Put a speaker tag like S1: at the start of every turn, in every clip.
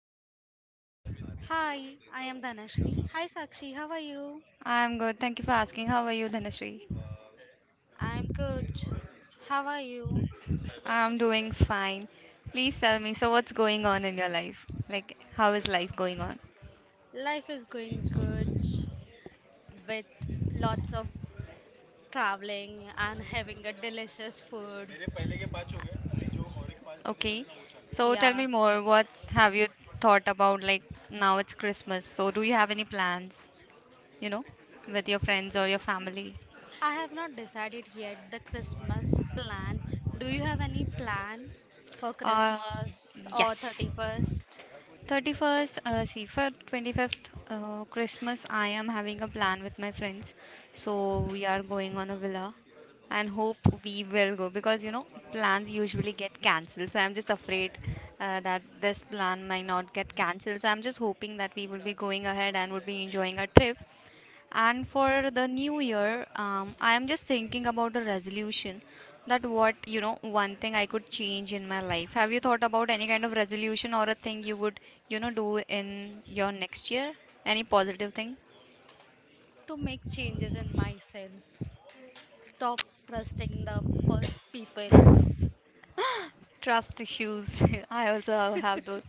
S1: Sakshi.
S2: Hi, I am Dhanashri. Hi Sakshi, how are you?
S1: I'm good. Thank you for asking. How are you, Dhanashree?
S2: I'm good. How are you?
S1: I'm doing fine. Please tell me, so what's going on in your life? Like, how is life going on?
S2: Life is going good with lots of traveling and having a delicious food.
S1: Okay. So tell
S2: Yeah,
S1: me more. What's have you thought about? Like, now it's Christmas. So do you have any plans, you know, with your friends or your family?
S2: I have not decided yet the Christmas plan. Do you have any plan for
S1: Uh,
S2: Christmas or
S1: yes.
S2: 31st.
S1: 31st, see, for 25th Christmas, I am having a plan with my friends. So we are going on a villa and hope we will go because you know plans usually get cancelled, so I'm just afraid that this plan might not get cancelled, so I'm just hoping that we will be going ahead and would be enjoying a trip. And for the new year, I am just thinking about a resolution, that what you know one thing I could change in my life. Have you thought about any kind of resolution or a thing you would you know do in your next year, any positive thing?
S2: To make changes in myself? Stop trusting the pe- people's
S1: Trust issues. I also have those.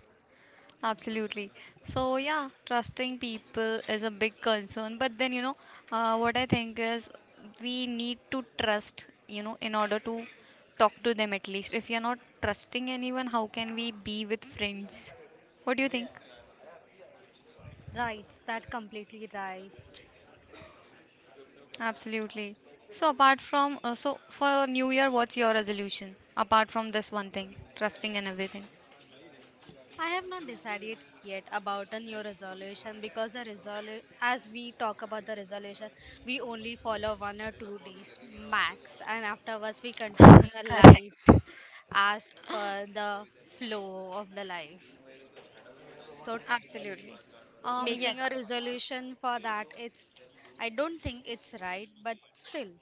S1: Absolutely. So, yeah, trusting people is a big concern. But then, you know, what I think is we need to trust, you know, in order to talk to them at least. If you're not trusting anyone, how can we be with friends? What do you think?
S2: rights. That completely right.
S1: Absolutely. So, apart from, so for New Year, what's your resolution? Apart from this one thing, trusting and everything.
S2: I have not decided yet about a new resolution because the resolution, as we talk about the resolution, we only follow 1 or 2 days max, and afterwards we continue our
S1: Correct.
S2: life as per the flow of the life. So,
S1: Absolutely.
S2: making
S1: Yes.
S2: a resolution for that, it's I don't think it's right, but still.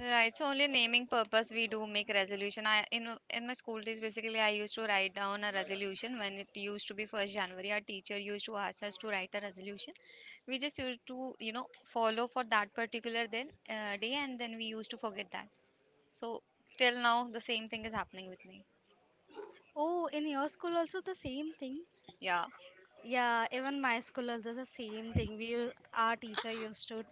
S1: Right. So only naming purpose we do make resolution. I in my school days basically I used to write down a resolution when it used to be first January. Our teacher used to ask us to write a resolution. We just used to you know follow for that particular then day, and then we used to forget that. So till now the same thing is happening with me.
S2: Oh, in your school also the same thing?
S1: Yeah.
S2: Yeah, even my school also the same thing. Our teacher used to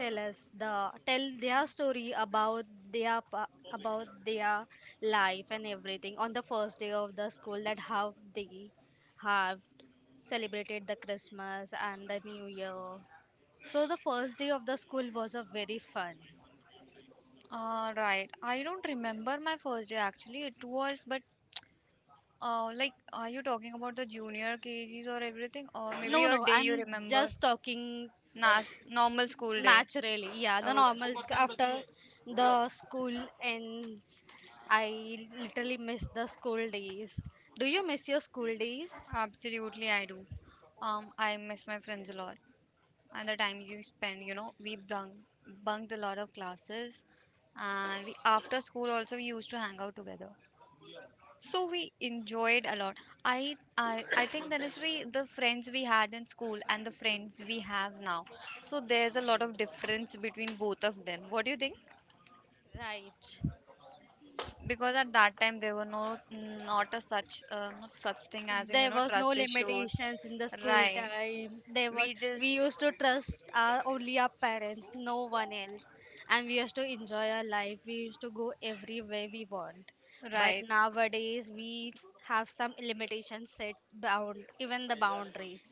S2: tell their story about their pa- about their life and everything on the first day of the school, that how they have celebrated the Christmas and the new year. So the first day of the school was a very fun.
S1: Right. I don't remember my first day actually. It was but. Like, are you talking about the junior KGs or everything, or
S2: No,
S1: maybe
S2: no,
S1: your day
S2: I'm
S1: you remember?
S2: just talking
S1: Not normal school day.
S2: naturally. Yeah, the
S1: Okay.
S2: after the school ends, I literally miss the school days. Do you miss your school days?
S1: Absolutely, I do. I miss my friends a lot. And the time you spend, you know, bunked a lot of classes. And we, after school also, we used to hang out together. So we enjoyed a lot. I think that is really the friends we had in school and the friends we have now. So there's a lot of difference between both of them. What do you think?
S2: Right.
S1: Because at that time there were no, not such thing as in you
S2: There
S1: know
S2: was no
S1: trust issues.
S2: limitations in the school
S1: Right.
S2: time. There was
S1: We
S2: we
S1: just
S2: used to trust our only our parents, no one else. And we used to enjoy our life. We used to go everywhere we want. But
S1: right.
S2: nowadays we have some limitations set bound, even the boundaries.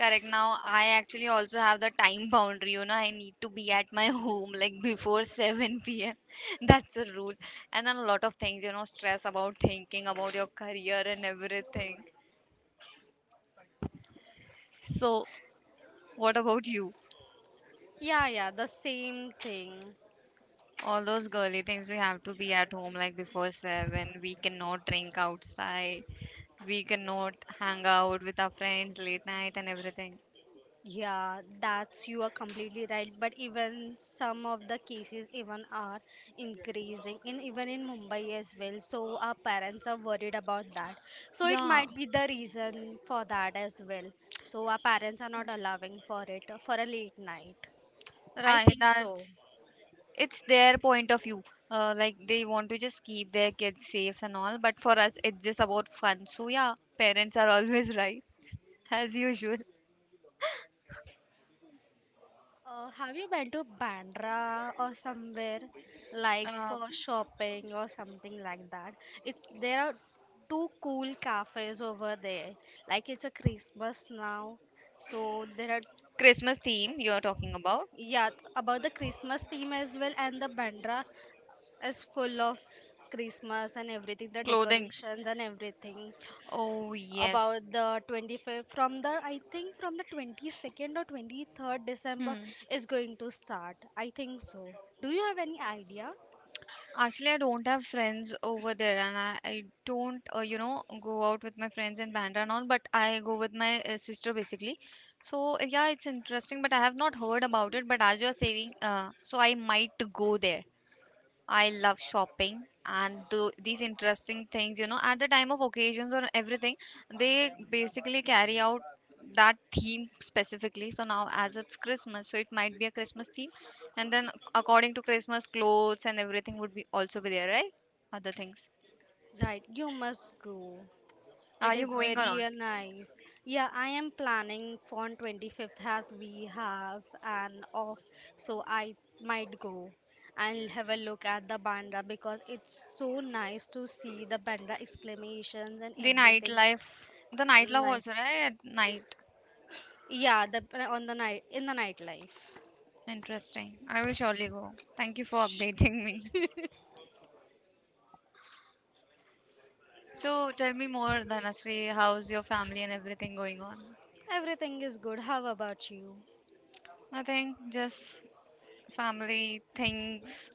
S1: Correct. Now I actually also have the time boundary, you know, I need to be at my home like before 7 p.m. That's a rule. And then a lot of things, you know, stress about thinking about your career and everything. So what about you?
S2: Yeah, yeah, the same thing.
S1: All those girly things, we have to be at home like before seven. We cannot drink outside. We cannot hang out with our friends late night and everything.
S2: Yeah, that's you are completely right. But even some of the cases even are increasing in even in Mumbai as well. So our parents are worried about that. So it
S1: Yeah,
S2: might be the reason for that as well. So our parents are not allowing for it for a late night. I
S1: right.
S2: think so.
S1: That's it's their point of view. Like they want to just keep their kids safe and all, but for us, it's just about fun. So yeah, parents are always right, as usual.
S2: Have you been to Bandra or somewhere like
S1: Uh,
S2: for shopping or something like that? It's there are two cool cafes over there. Like it's a Christmas now, so there are
S1: Christmas theme you're talking about?
S2: yeah about the Christmas theme as well, and the Bandra is full of Christmas and everything, the
S1: Clothings.
S2: decorations and everything.
S1: Oh yes.
S2: About the 25th, from the I think, from the 22nd or 23rd December
S1: Hmm.
S2: is going to start, I think so. Do you have any idea?
S1: Actually, I don't have friends over there, and I don't, you know, go out with my friends in Bandra and all, but I go with my sister basically. So, yeah, it's interesting, but I have not heard about it. But as you are saying, so I might go there. I love shopping and do these interesting things, you know, at the time of occasions or everything, they basically carry out that theme specifically. So now, as it's Christmas, so it might be a Christmas theme, and then according to Christmas, clothes and everything would be also be there, right? Other things.
S2: Right, you must go. It
S1: Are you
S2: is
S1: going or
S2: very
S1: not?
S2: nice. Yeah, I am planning for on 25th as we have an off, so I might go and have a look at the Bandra, because it's so nice to see the Bandra exclamations and everything.
S1: The nightlife
S2: Night.
S1: also, right? At night.
S2: Yeah, the on the night in the nightlife.
S1: Interesting. I will surely go. Thank you for updating me. So tell me more, Dhanashree. How's your family and everything going on?
S2: Everything is good. How about you?
S1: Nothing, just family things,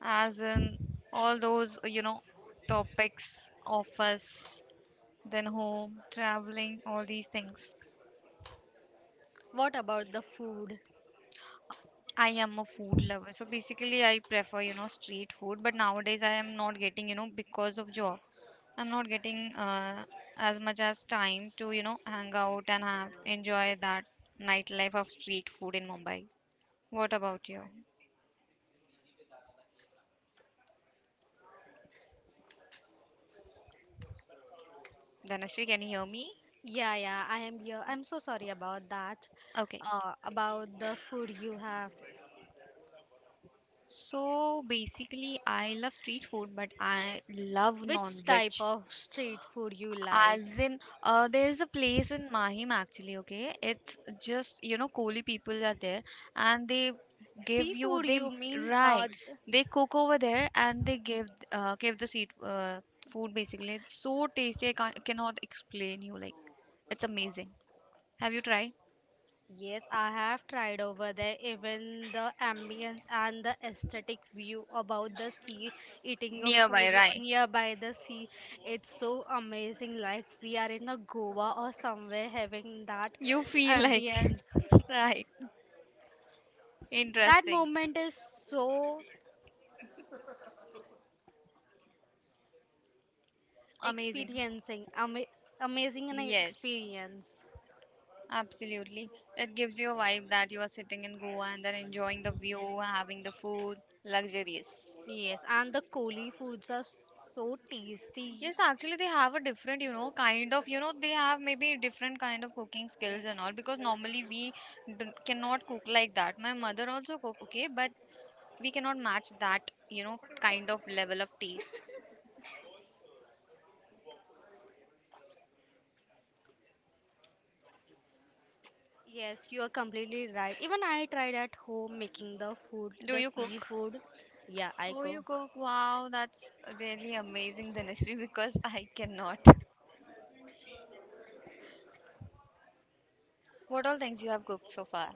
S1: as in all those, you know, topics, office, then home, traveling, all these things.
S2: What about the food?
S1: I am a food lover. So basically, I prefer, you know, street food. But nowadays, I am not getting, you know, because of job, I'm not getting as much as time to, you know, hang out and have enjoy that nightlife of street food in Mumbai. What about you? Dhanashree, can you hear me?
S2: Yeah, yeah, I am here. I'm so sorry about that.
S1: Okay.
S2: About the food you have.
S1: So basically, I love street food, but I love
S2: Which
S1: non-veg.
S2: type of street food you
S1: As
S2: like?
S1: in, there's a place in Mahim actually, okay? It's just, you know, Koli people are there and they give you
S2: Seafood,
S1: they
S2: you mean?
S1: right they cook over there and they give give the seat food basically it's so tasty I can't, cannot explain you like it's amazing. Have you tried
S2: Yes, I have tried over there. Even the ambience and the aesthetic view about the sea, eating a
S1: nearby,
S2: food
S1: right?
S2: nearby the sea, it's so amazing. Like we are in a Goa or somewhere having that
S1: You feel like
S2: ambience.
S1: right.
S2: That
S1: Interesting.
S2: moment is so
S1: Amazing.
S2: experiencing, amazing an
S1: Yes.
S2: experience.
S1: Absolutely. It gives you a vibe that you are sitting in Goa and then enjoying the view, having the food, luxurious.
S2: Yes, and the Koli foods are so tasty.
S1: Yes, actually they have a different, you know, kind of, you know, they have maybe different kind of cooking skills and all because normally we cannot cook like that. My mother also cook, okay, but we cannot match that, you know, kind of level of taste.
S2: Yes, you are completely right. Even I tried at home making the food,
S1: Do
S2: the
S1: you cook?
S2: seafood. Yeah, I
S1: Oh,
S2: cook.
S1: you cook. Wow, that's really amazing, Dhanashree, because I cannot. What all things you have cooked so far?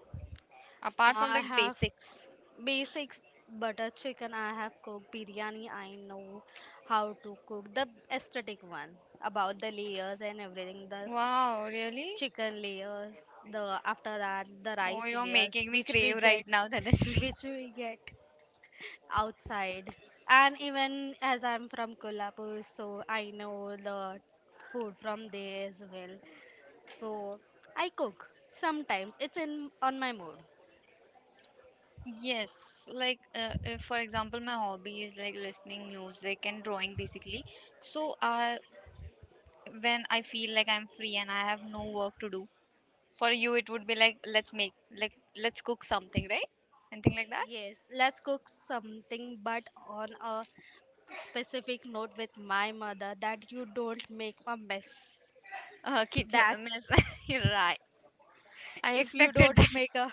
S1: Apart from
S2: I
S1: the
S2: have
S1: basics.
S2: basics butter chicken. I have cooked biryani. I know how to cook the aesthetic one about the layers and everything. The
S1: Wow, really?
S2: chicken layers, the after that the
S1: Oh,
S2: rice
S1: you're
S2: layers,
S1: making me
S2: which we
S1: crave
S2: get,
S1: right now, Tanushree.
S2: which we get. outside. And even as I'm from Kolhapur, so I know the food from there as well. So I cook sometimes. It's in on my mood.
S1: Yes, like if, for example, my hobby is like listening music and drawing basically. So, when I feel like I'm free and I have no work to do, for you it would be like let's make like let's cook something, right? Anything like that?
S2: Yes, let's cook something, but on a specific note with my mother that you don't make a mess.
S1: Kitchen mess.
S2: That's
S1: Right. I
S2: if you
S1: expected that.
S2: don't make a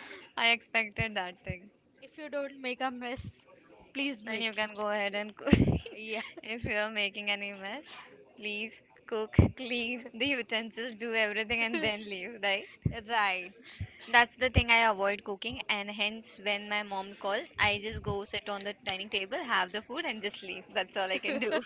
S1: I expected that thing.
S2: if you don't make a mess, please
S1: Then
S2: make
S1: you
S2: it.
S1: can go ahead and cook.
S2: Yeah,
S1: If you are making any mess, please cook, clean the utensils, do everything, and then leave, right?
S2: right.
S1: That's the thing I avoid cooking, and hence when my mom calls, I just go sit on the dining table, have the food, and just leave. That's all I can do.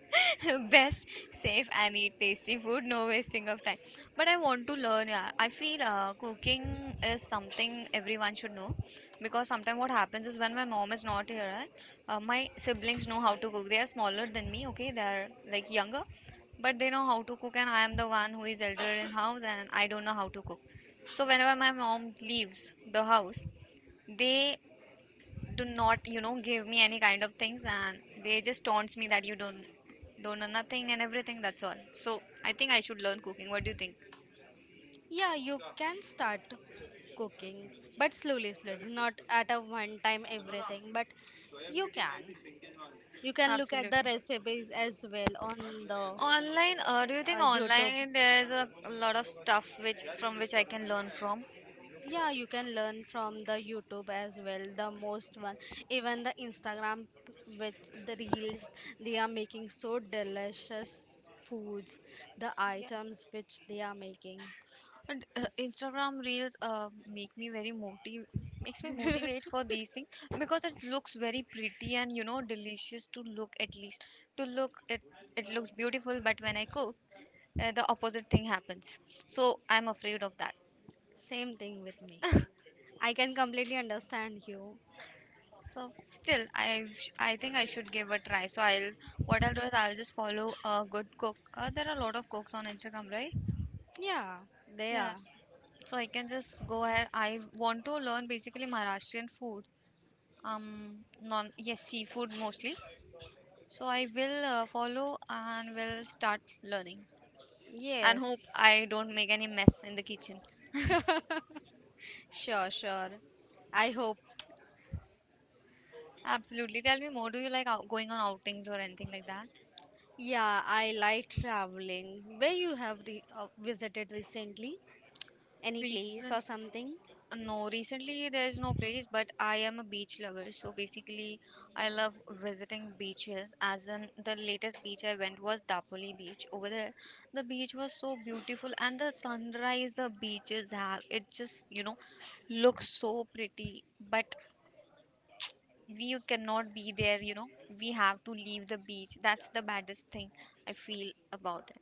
S1: Best, safe, and eat tasty food, no wasting of time. But I want to learn. Yeah, I feel cooking is something everyone should know because sometimes what happens is when my mom is not here, right, my siblings know how to cook. They are smaller than me, okay? They are like younger, but they know how to cook, and I am the one who is elder in house and I don't know how to cook. So whenever my mom leaves the house, they do not you know give me any kind of things and they just taunts me that you don't know nothing and everything, that's all. So I think I should learn cooking. What do you think?
S2: Yeah, you can start cooking, but slowly, slowly, not at a one time everything, but you can. You can look at the
S1: Absolutely.
S2: recipes as well on the
S1: Online, do you think
S2: YouTube.
S1: online there is a lot of stuff which from which I can learn from?
S2: Yeah, you can learn from the YouTube as well, the most one. Even the Instagram, which the reels, they are making so delicious foods, the
S1: Yeah.
S2: items which they are making.
S1: And Instagram reels make me very motive makes me motivate for these things because it looks very pretty and you know delicious to look at least, to look it it looks beautiful. But when I cook, the opposite thing happens, so I'm afraid of that.
S2: Same thing with me. I can completely understand you.
S1: So still I think I should give a try. So I'll, what I'll do is I'll just follow a good cook. There are a lot of cooks on Instagram, right?
S2: Yeah, they
S1: Yes.
S2: are.
S1: So I can just go ahead, I want to learn basically Maharashtrian food. um non, yes, seafood mostly. So I will follow and will start learning. And hope
S2: Yes,
S1: I don't make any mess in the kitchen.
S2: sure, sure. I hope.
S1: Absolutely. Tell me more, do you like going on outings or anything like that?
S2: Yeah, I like traveling. Where you have re visited recently? Any place or
S1: Recently,
S2: something?
S1: no, recently there's no place, but I am a beach lover. So basically, I love visiting beaches. As in, the latest beach I went was Dapoli Beach. Over there, the beach was so beautiful, and the sunrise the beaches have, it just, you know, looks so pretty. But we cannot be there, you know, we have to leave the beach. That's the baddest thing I feel about it.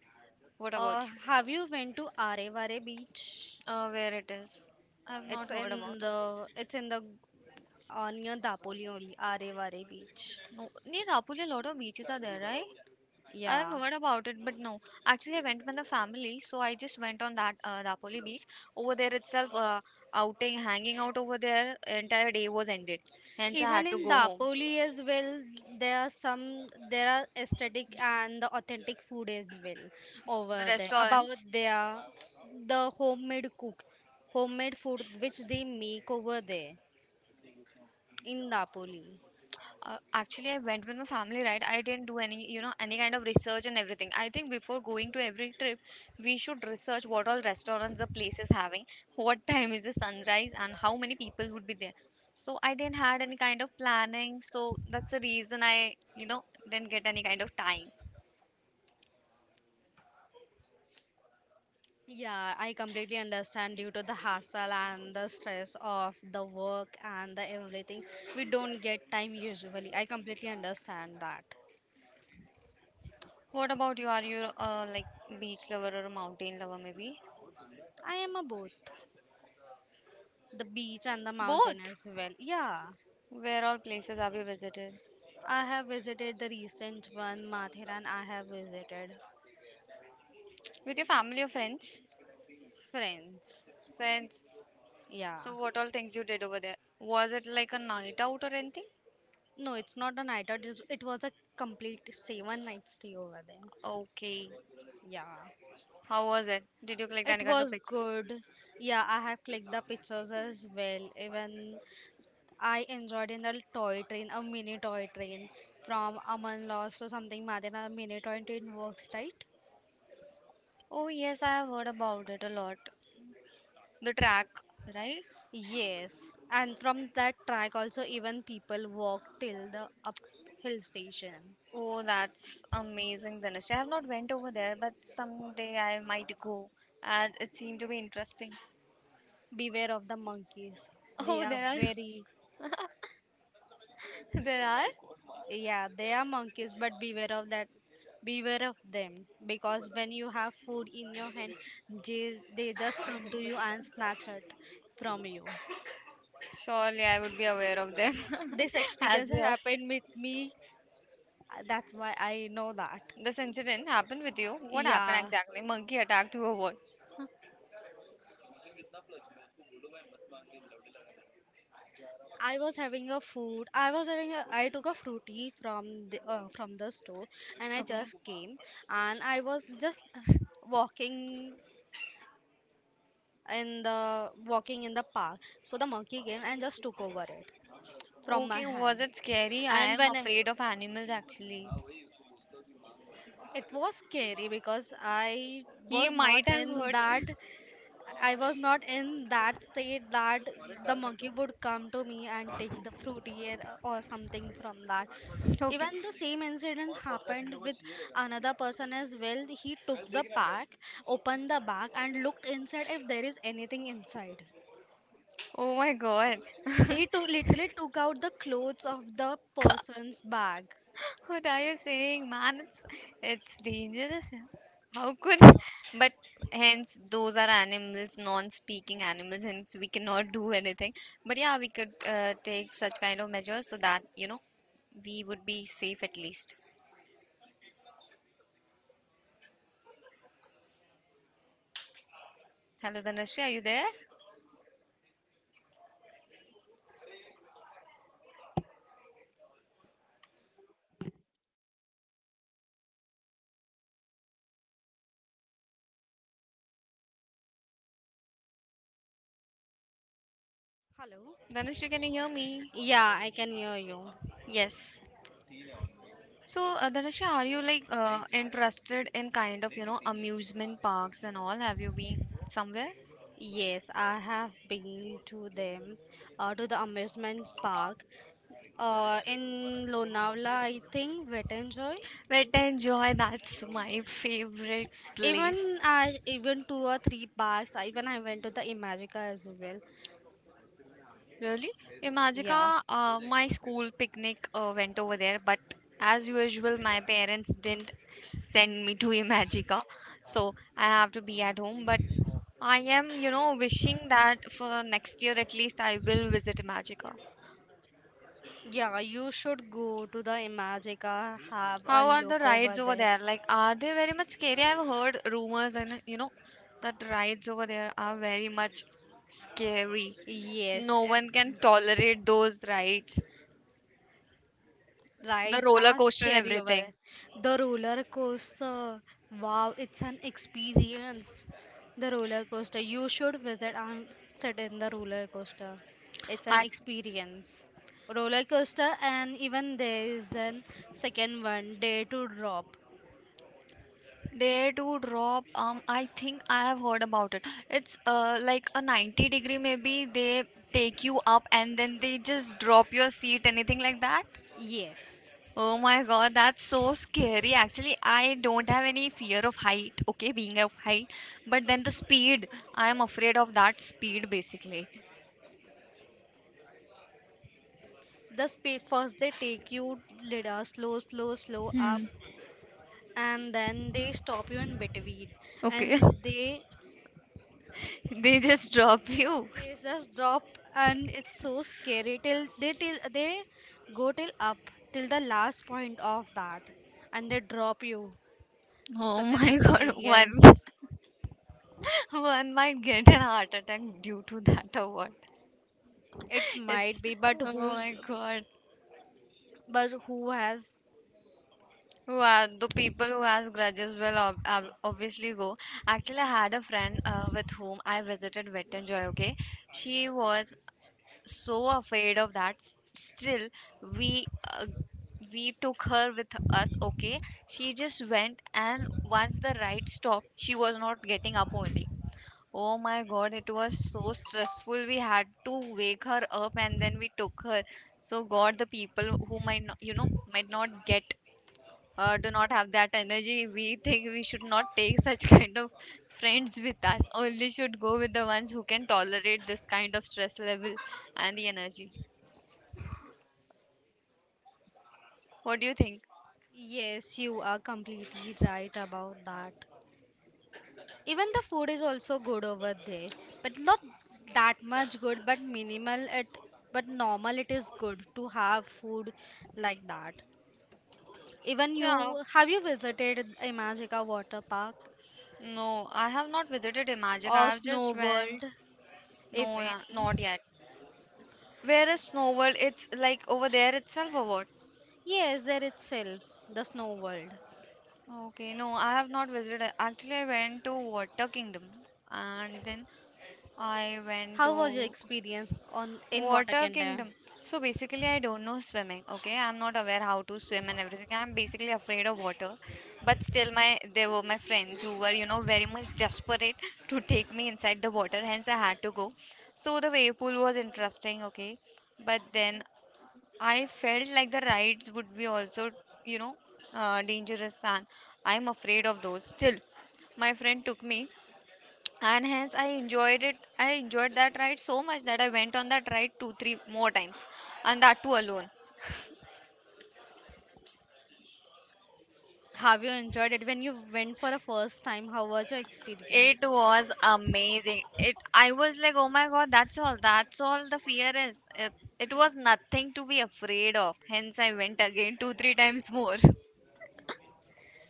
S1: What
S2: Or
S1: about you?
S2: have you went to Arevare Beach?
S1: Where it is? I've not heard about it.
S2: It's in the near Dapoli only, Arevare Beach.
S1: No, near Rapuli, a lot of beaches are there, right? I've
S2: Yeah.
S1: heard about it, but no. Actually, I went with the family, so I just went on that Dapoli beach. Over there itself, outing, hanging out over there, entire day was ended. Hence, I
S2: Even
S1: had to
S2: in
S1: go home.
S2: Dapoli as well, there are aesthetic and the authentic food as well over there about
S1: Restaurants,
S2: their the homemade food which they make over there in Dapoli.
S1: Actually, I went with my family, right? I didn't do any kind of research and everything. I think before going to every trip, we should research what all restaurants the place is having, what time is the sunrise, and how many people would be there. So I didn't had any kind of planning. So that's the reason I didn't get any kind of time.
S2: Yeah, I completely understand due to the hassle and the stress of the work and the everything. We don't get time usually. I completely understand that.
S1: What about you? Are you like beach lover or a mountain lover, maybe?
S2: I am a both the beach and the mountain
S1: Both.
S2: as well. Yeah.
S1: Where all places have you visited?
S2: I have visited the recent one, Matheran. I have visited.
S1: With your family or friends?
S2: Friends.
S1: Friends.
S2: Yeah.
S1: So what all things you did over there? Was it like a night out or anything?
S2: No, it's not a night out. It was a complete 7 night stay over there.
S1: Okay.
S2: Yeah.
S1: How was it? Did you collect
S2: It
S1: any kind of
S2: was
S1: picture?
S2: good. Yeah, I have clicked the pictures as well. Even I enjoyed in the toy train, a mini toy train from Aman Lost to something Matheran. A mini toy train works, right?
S1: Oh yes, I have heard about it a lot. The track, right?
S2: Yes, and from that track also even people walk till the up hill station.
S1: Oh, that's amazing, Dinesh. I have not went over there, but someday I might go. And it seemed to be interesting.
S2: Beware of the monkeys. They
S1: Oh,
S2: are
S1: there are,
S2: very,
S1: there are.
S2: yeah, they are monkeys, but beware of that. Beware of them because when you have food in your hand, they just come to you and snatch it from you.
S1: Surely I would be aware of them.
S2: This experience
S1: As
S2: has
S1: you have.
S2: happened with me. That's why I know that.
S1: This incident happened with you. What happened
S2: Yeah,
S1: exactly? Monkey attacked you or what?
S2: I was having a food. I was having a. I took a fruity from the store, and I
S1: Okay.
S2: just came, and I was just walking in the park. So the monkey came and just took over it from my hand.
S1: Okay, was it scary?
S2: And
S1: I
S2: when I,
S1: am afraid of animals actually.
S2: it was scary because
S1: He
S2: was not
S1: might have
S2: in
S1: hurt.
S2: that I was not in that state that the monkey would come to me and take the fruity or something from that.
S1: Okay.
S2: Even the same incident happened with another person as well. He took the pack, opened the bag, and looked inside if there is anything inside.
S1: Oh my God.
S2: He took literally took out the clothes of the
S1: God,
S2: person's bag.
S1: what are you saying, man? It's dangerous. Yeah. How could? But hence, those are animals, non-speaking animals. Hence, we cannot do anything. But yeah, we could take such kind of measures so that we would be safe at least. Hello, Dhanushri, are you there?
S2: Hello.
S1: Dhanushri, can you hear me?
S2: Yeah, I can hear you.
S1: Yes. So, Dhanisha, are you like interested in kind of amusement parks and all? Have you been somewhere?
S2: Yes, I have been to them, to the amusement park, in Lonavala, I think, Wettanjoy.
S1: Wet Enjoy, that's my favorite place.
S2: Even I, even two or three parks. Even I went to the Imagica as well.
S1: Really? Imagika,
S2: Yeah,
S1: my school picnic went over there, but as usual, my parents didn't send me to Imagica, so I have to be at home. But I am wishing that for next year at least I will visit Imagica.
S2: yeah, you should go to the Imagica, have a
S1: How are the
S2: look
S1: rides
S2: over
S1: over
S2: there.
S1: there? Like, are they very much scary? I've heard rumors and you know that rides over there are very much scary.
S2: Yes,
S1: No one
S2: it's
S1: can tolerate those rides, the
S2: rides
S1: roller
S2: are
S1: coaster and
S2: scary over
S1: everything.
S2: there. The roller coaster, wow, it's an experience. The roller coaster, you should visit and sit in the roller coaster. It's an
S1: Act-
S2: experience. Roller coaster, and even there is an second one, day to drop.
S1: Dare to drop. I think I have heard about it. It's like a 90-degree maybe they take you up and then they just drop your seat, anything like that.
S2: Yes.
S1: Oh my god, that's so scary. Actually, I don't have any fear of height, okay, being of height, but then the speed, I am afraid of that speed basically.
S2: The speed first they take you little slow, slow, slow up,
S1: Hmm.
S2: and then they stop you in between,
S1: Okay.
S2: and they
S1: They just drop you.
S2: Just drop and it's so scary till they go till up till the last point of that and they drop you.
S1: Oh
S2: Such an
S1: my god, one
S2: experience.
S1: one might get an heart attack due to that or what.
S2: It might
S1: It's
S2: be,
S1: oh my god.
S2: but who has
S1: Wow, the people who has grudges will ob ob obviously go. Actually, I had a friend with whom I visited Wet and Joy, okay? She was so afraid of that still we uh, we took her with us, okay. She just went, and once the ride stopped, she was not getting up only. Oh my god, it was so stressful. We had to wake her up, and then we took her. So god, the people who might not, you know might not get do not have that energy, we think we should not take such kind of friends with us. Only should go with the ones who can tolerate this kind of stress level and the energy. What do you think?
S2: yes, you are completely right about that. Even the food is also good over there. But not that much good, but minimal it but normal it is good to have food like that. Even
S1: Yeah,
S2: you, have you visited Imagica Water Park
S1: no, I have not visited Imagic.
S2: or
S1: I have
S2: Snow
S1: just went.
S2: World, if
S1: No, yeah,
S2: any?
S1: not yet. Where is Snow World? It's like over there itself or what?
S2: Yes, there itself, the Snow World.
S1: Okay, no, I have not visited. Actually, I went to Water Kingdom and then I went
S2: How was your
S1: to
S2: experience on in Water
S1: Water
S2: Canada?
S1: kingdom. So basically, I don't know swimming. Okay, I'm not aware how to swim and everything. I'm basically afraid of water, but still, my there were my friends who were very much desperate to take me inside the water. Hence, I had to go. So the wave pool was interesting. Okay, but then I felt like the rides would be also you know dangerous, and I'm afraid of those. Still, my friend took me, and hence I enjoyed that ride so much that I went on that ride two three more times, and that too alone.
S2: Have you enjoyed it when you went for a first time? How was your
S1: It
S2: experience?
S1: was amazing. It I was like, oh my god, that's all. That's all the fear is. It, it was nothing to be afraid of. Hence I went again two, three times more.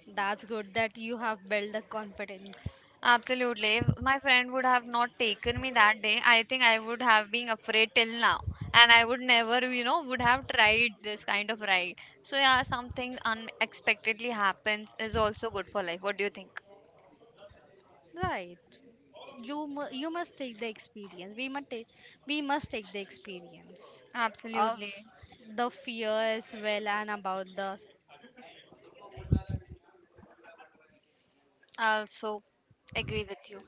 S2: That's good that you have built the confidence.
S1: Absolutely. If my friend would have not taken me that day, I think I would have been afraid till now. And I would never, you know, would have tried this kind of ride. So yeah, something unexpectedly happens is also good for life. What do you think?
S2: Right. You must take the experience. We must take the experience of
S1: Absolutely.
S2: the fear as well and about the.
S1: I also agree with you.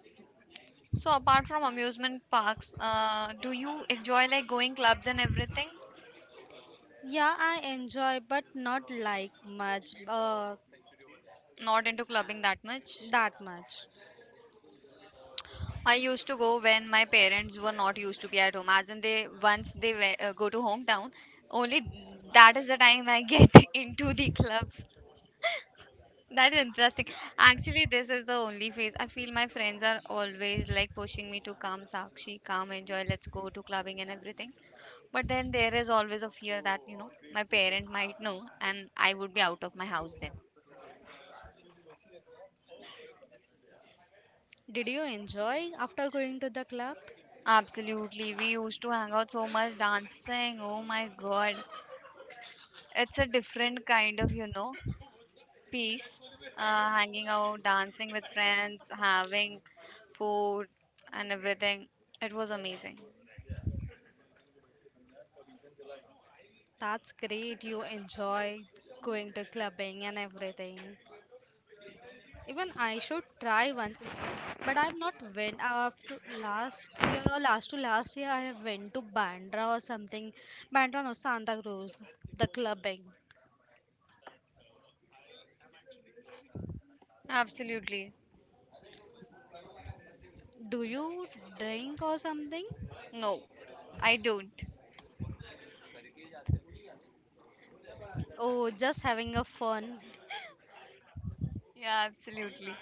S1: So apart from amusement parks, do you enjoy like going clubs and everything?
S2: Yeah, I enjoy, but not like much,
S1: Not into clubbing that much.
S2: that much.
S1: I used to go when my parents were not used to be at home. As in, they once they we- go to hometown, only that is the time I get into the clubs. That is interesting. Actually, this is the only phase. I feel my friends are always like pushing me to come, Sakshi, come, enjoy, let's go to clubbing and everything. But then there is always a fear that my parent might know and I would be out of my house then.
S2: Did you enjoy after going to the club?
S1: Absolutely. We used to hang out so much dancing. Oh my God. It's a different kind of peace. Hanging out, dancing with friends, having food and everything. It was amazing.
S2: That's great. You enjoy going to clubbing and everything. Even I should try once, but I've not went after last year. Last to last year, I have went to Bandra or something. Bandra no Santa Cruz, the clubbing.
S1: Absolutely.
S2: Do you drink or something?
S1: No, I don't.
S2: Oh, just having a fun.
S1: Yeah, absolutely.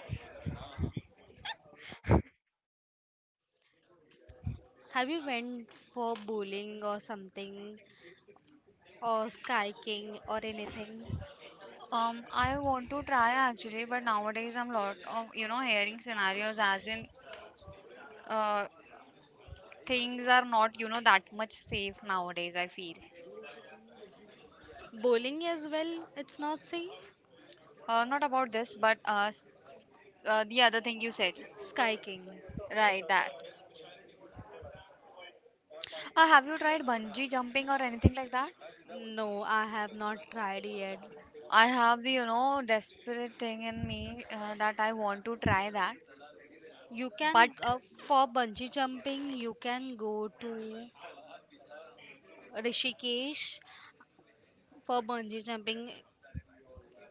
S2: Have you went for bowling or something or skyking or anything?
S1: I want to try actually, but nowadays I'm lot of hearing scenarios as in uh, things are not that much safe nowadays, I feel.
S2: Bowling as well, it's not safe.
S1: Not about this, but the other thing you said.
S2: Skyking.
S1: Right, that. Have you tried bungee jumping or anything like that?
S2: No, I have not tried yet.
S1: I have the desperate thing in me that I want to try that.
S2: You
S1: But
S2: can for bungee jumping, you can go to Rishikesh for bungee jumping,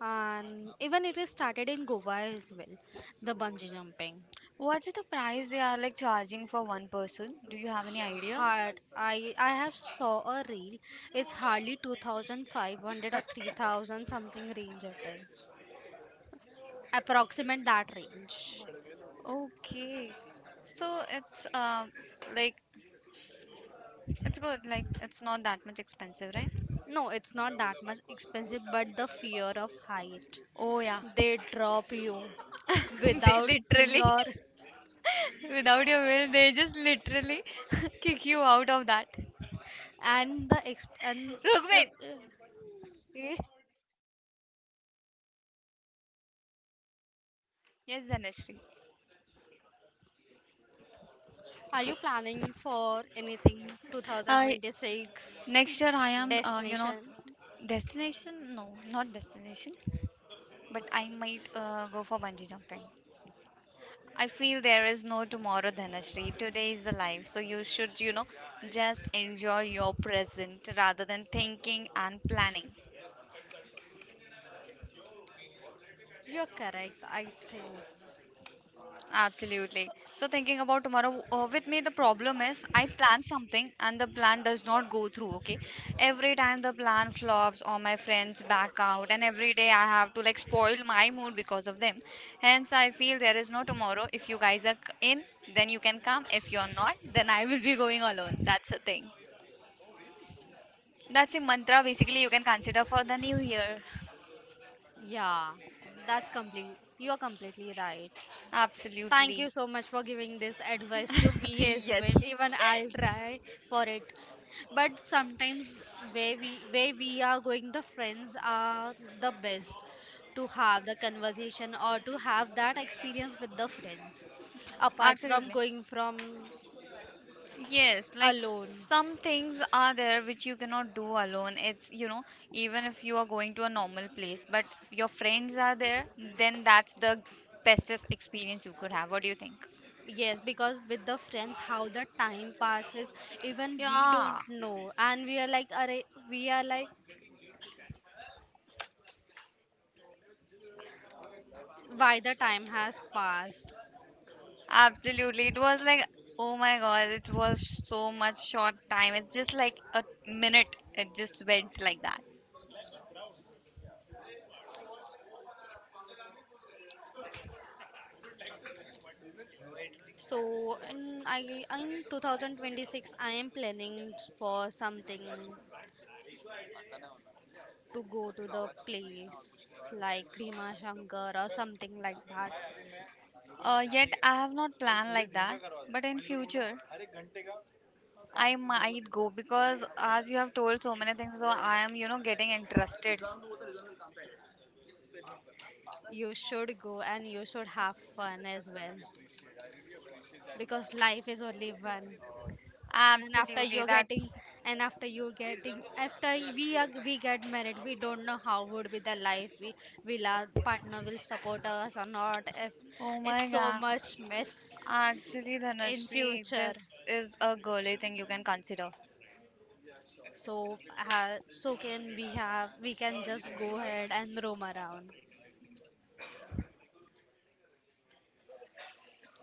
S2: and even it is started in Goa as well, the bungee jumping.
S1: what's the price they are like charging for one person? Do you have any idea?
S2: Hard, I have saw a reel, it's hardly 2,500 or 3,000 something range it is approximate that range.
S1: Okay. So it's like good. Like it's not that much expensive, right?
S2: No, it's not that much expensive, but the fear of height,
S1: Oh yeah.
S2: they drop you
S1: They
S2: without
S1: literally
S2: your,
S1: without your will, they just literally kick you out of that.
S2: and Eh?
S1: Rugved.
S2: Eh.
S1: Yes, Dhanashree.
S2: Are you planning for anything
S1: Uh,
S2: 2026
S1: Next year, I
S2: destination?
S1: destination? No, not destination, but I might go for bungee jumping. I feel there is no tomorrow, Dhanashree. Today is the life, so you should just enjoy your present rather than thinking and planning.
S2: You're correct, I think.
S1: Absolutely. So thinking about tomorrow, with me the problem is I plan something and the plan does not go through. Okay, every time the plan flops or my friends back out, and every day I have to like spoil my mood because of them. Hence, I feel there is no tomorrow. If you guys are in, then you can come. If you're not, then I will be going alone. That's the thing. That's a mantra basically you can consider for the new year.
S2: Yeah, that's complete. You are completely right. Thank you
S1: Absolutely.
S2: so much for giving this advice to me as
S1: Yes.
S2: well. Even I'll try for it. But sometimes where we are going, the friends are the best to have the conversation or to have that experience with the friends. Apart from
S1: Absolutely.
S2: going from
S1: Yes, like
S2: alone.
S1: some things are there which you cannot do alone. Even if you are going to a normal place, but your friends are there, then that's the bestest experience you could have. What do you think?
S2: Yes, because with the friends, how the time passes, even we don't
S1: Yeah,
S2: know, and we are like, "Arey," we are like why the time has passed.
S1: absolutely. It was like, oh my God, it was so much short time. It's just like a minute. It just went like that.
S2: So in I in 2026 I am planning for something to go to the place like Bhima Shankar or something like that.
S1: Yet I have not planned like that, but in future. I might go because as you have told so many things, so I am getting interested.
S2: You should go and you should have fun as well because life is only one. and after
S1: Absolutely.
S2: you're getting
S1: That's
S2: and after you're getting, after we get married, we don't know how would be the life, we will our partner will support us or not if
S1: oh my
S2: it's so
S1: god.
S2: much mess
S1: Actually,
S2: in
S1: Dhanashree,
S2: future.
S1: this is a girly thing you can consider.
S2: So, so can we have we can just go ahead and roam around.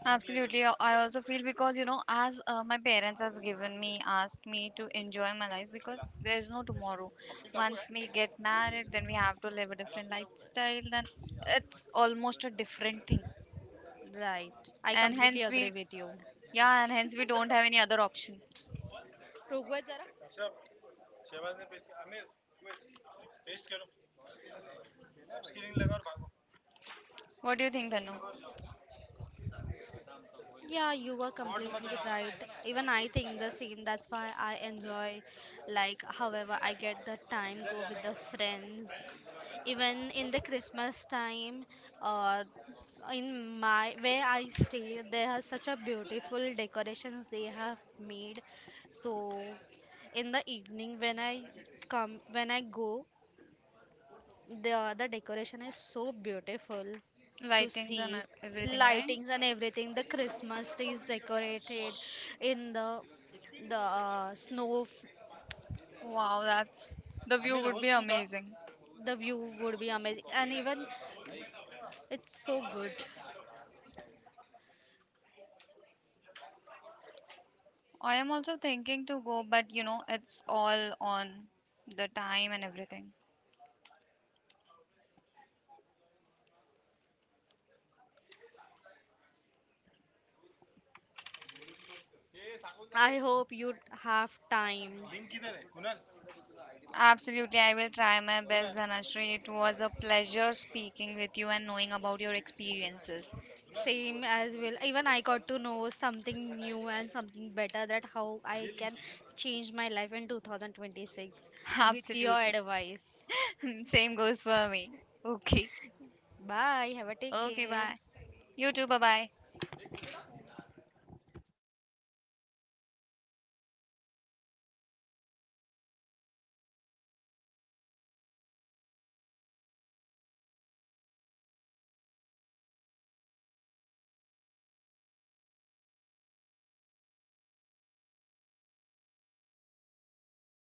S1: Absolutely. I also feel because, you know, as my parents has given me, asked me to enjoy my life because there is no tomorrow. Once we get married, then we have to live a different lifestyle. Then it's almost a different thing.
S2: Right, I
S1: And
S2: completely
S1: hence
S2: agree
S1: we
S2: with you.
S1: Yeah, and hence we don't have any other option.
S2: Rugwat, जरा.
S1: What do you think, Tanu?
S2: Yeah, you were completely right. Even I think the same. That's why I enjoy, like, however, I get the time go with the friends. Even in the Christmas time, uh, in my where I stay, there are such a beautiful decorations they have made. So, in the evening when I come, when I go, the decoration is so beautiful to
S1: Lightings and
S2: see.
S1: everything, right?
S2: Lightings and everything. The Christmas tree is decorated in the snow.
S1: Wow, that's the view would be amazing.
S2: The view would be amazing, and even it's so good.
S1: I am also thinking to go, but it's all on the time and everything.
S2: I hope you have time.
S1: Absolutely, I will try my best, Dhanashree. It was a pleasure speaking with you and knowing about your experiences.
S2: Same as well. Even I got to know something new and something better that how I can change my life in 2026 with your
S1: Absolutely.
S2: advice.
S1: Same goes for me. Okay.
S2: Bye. Have a take
S1: Okay,
S2: care.
S1: bye. You too, bye bye.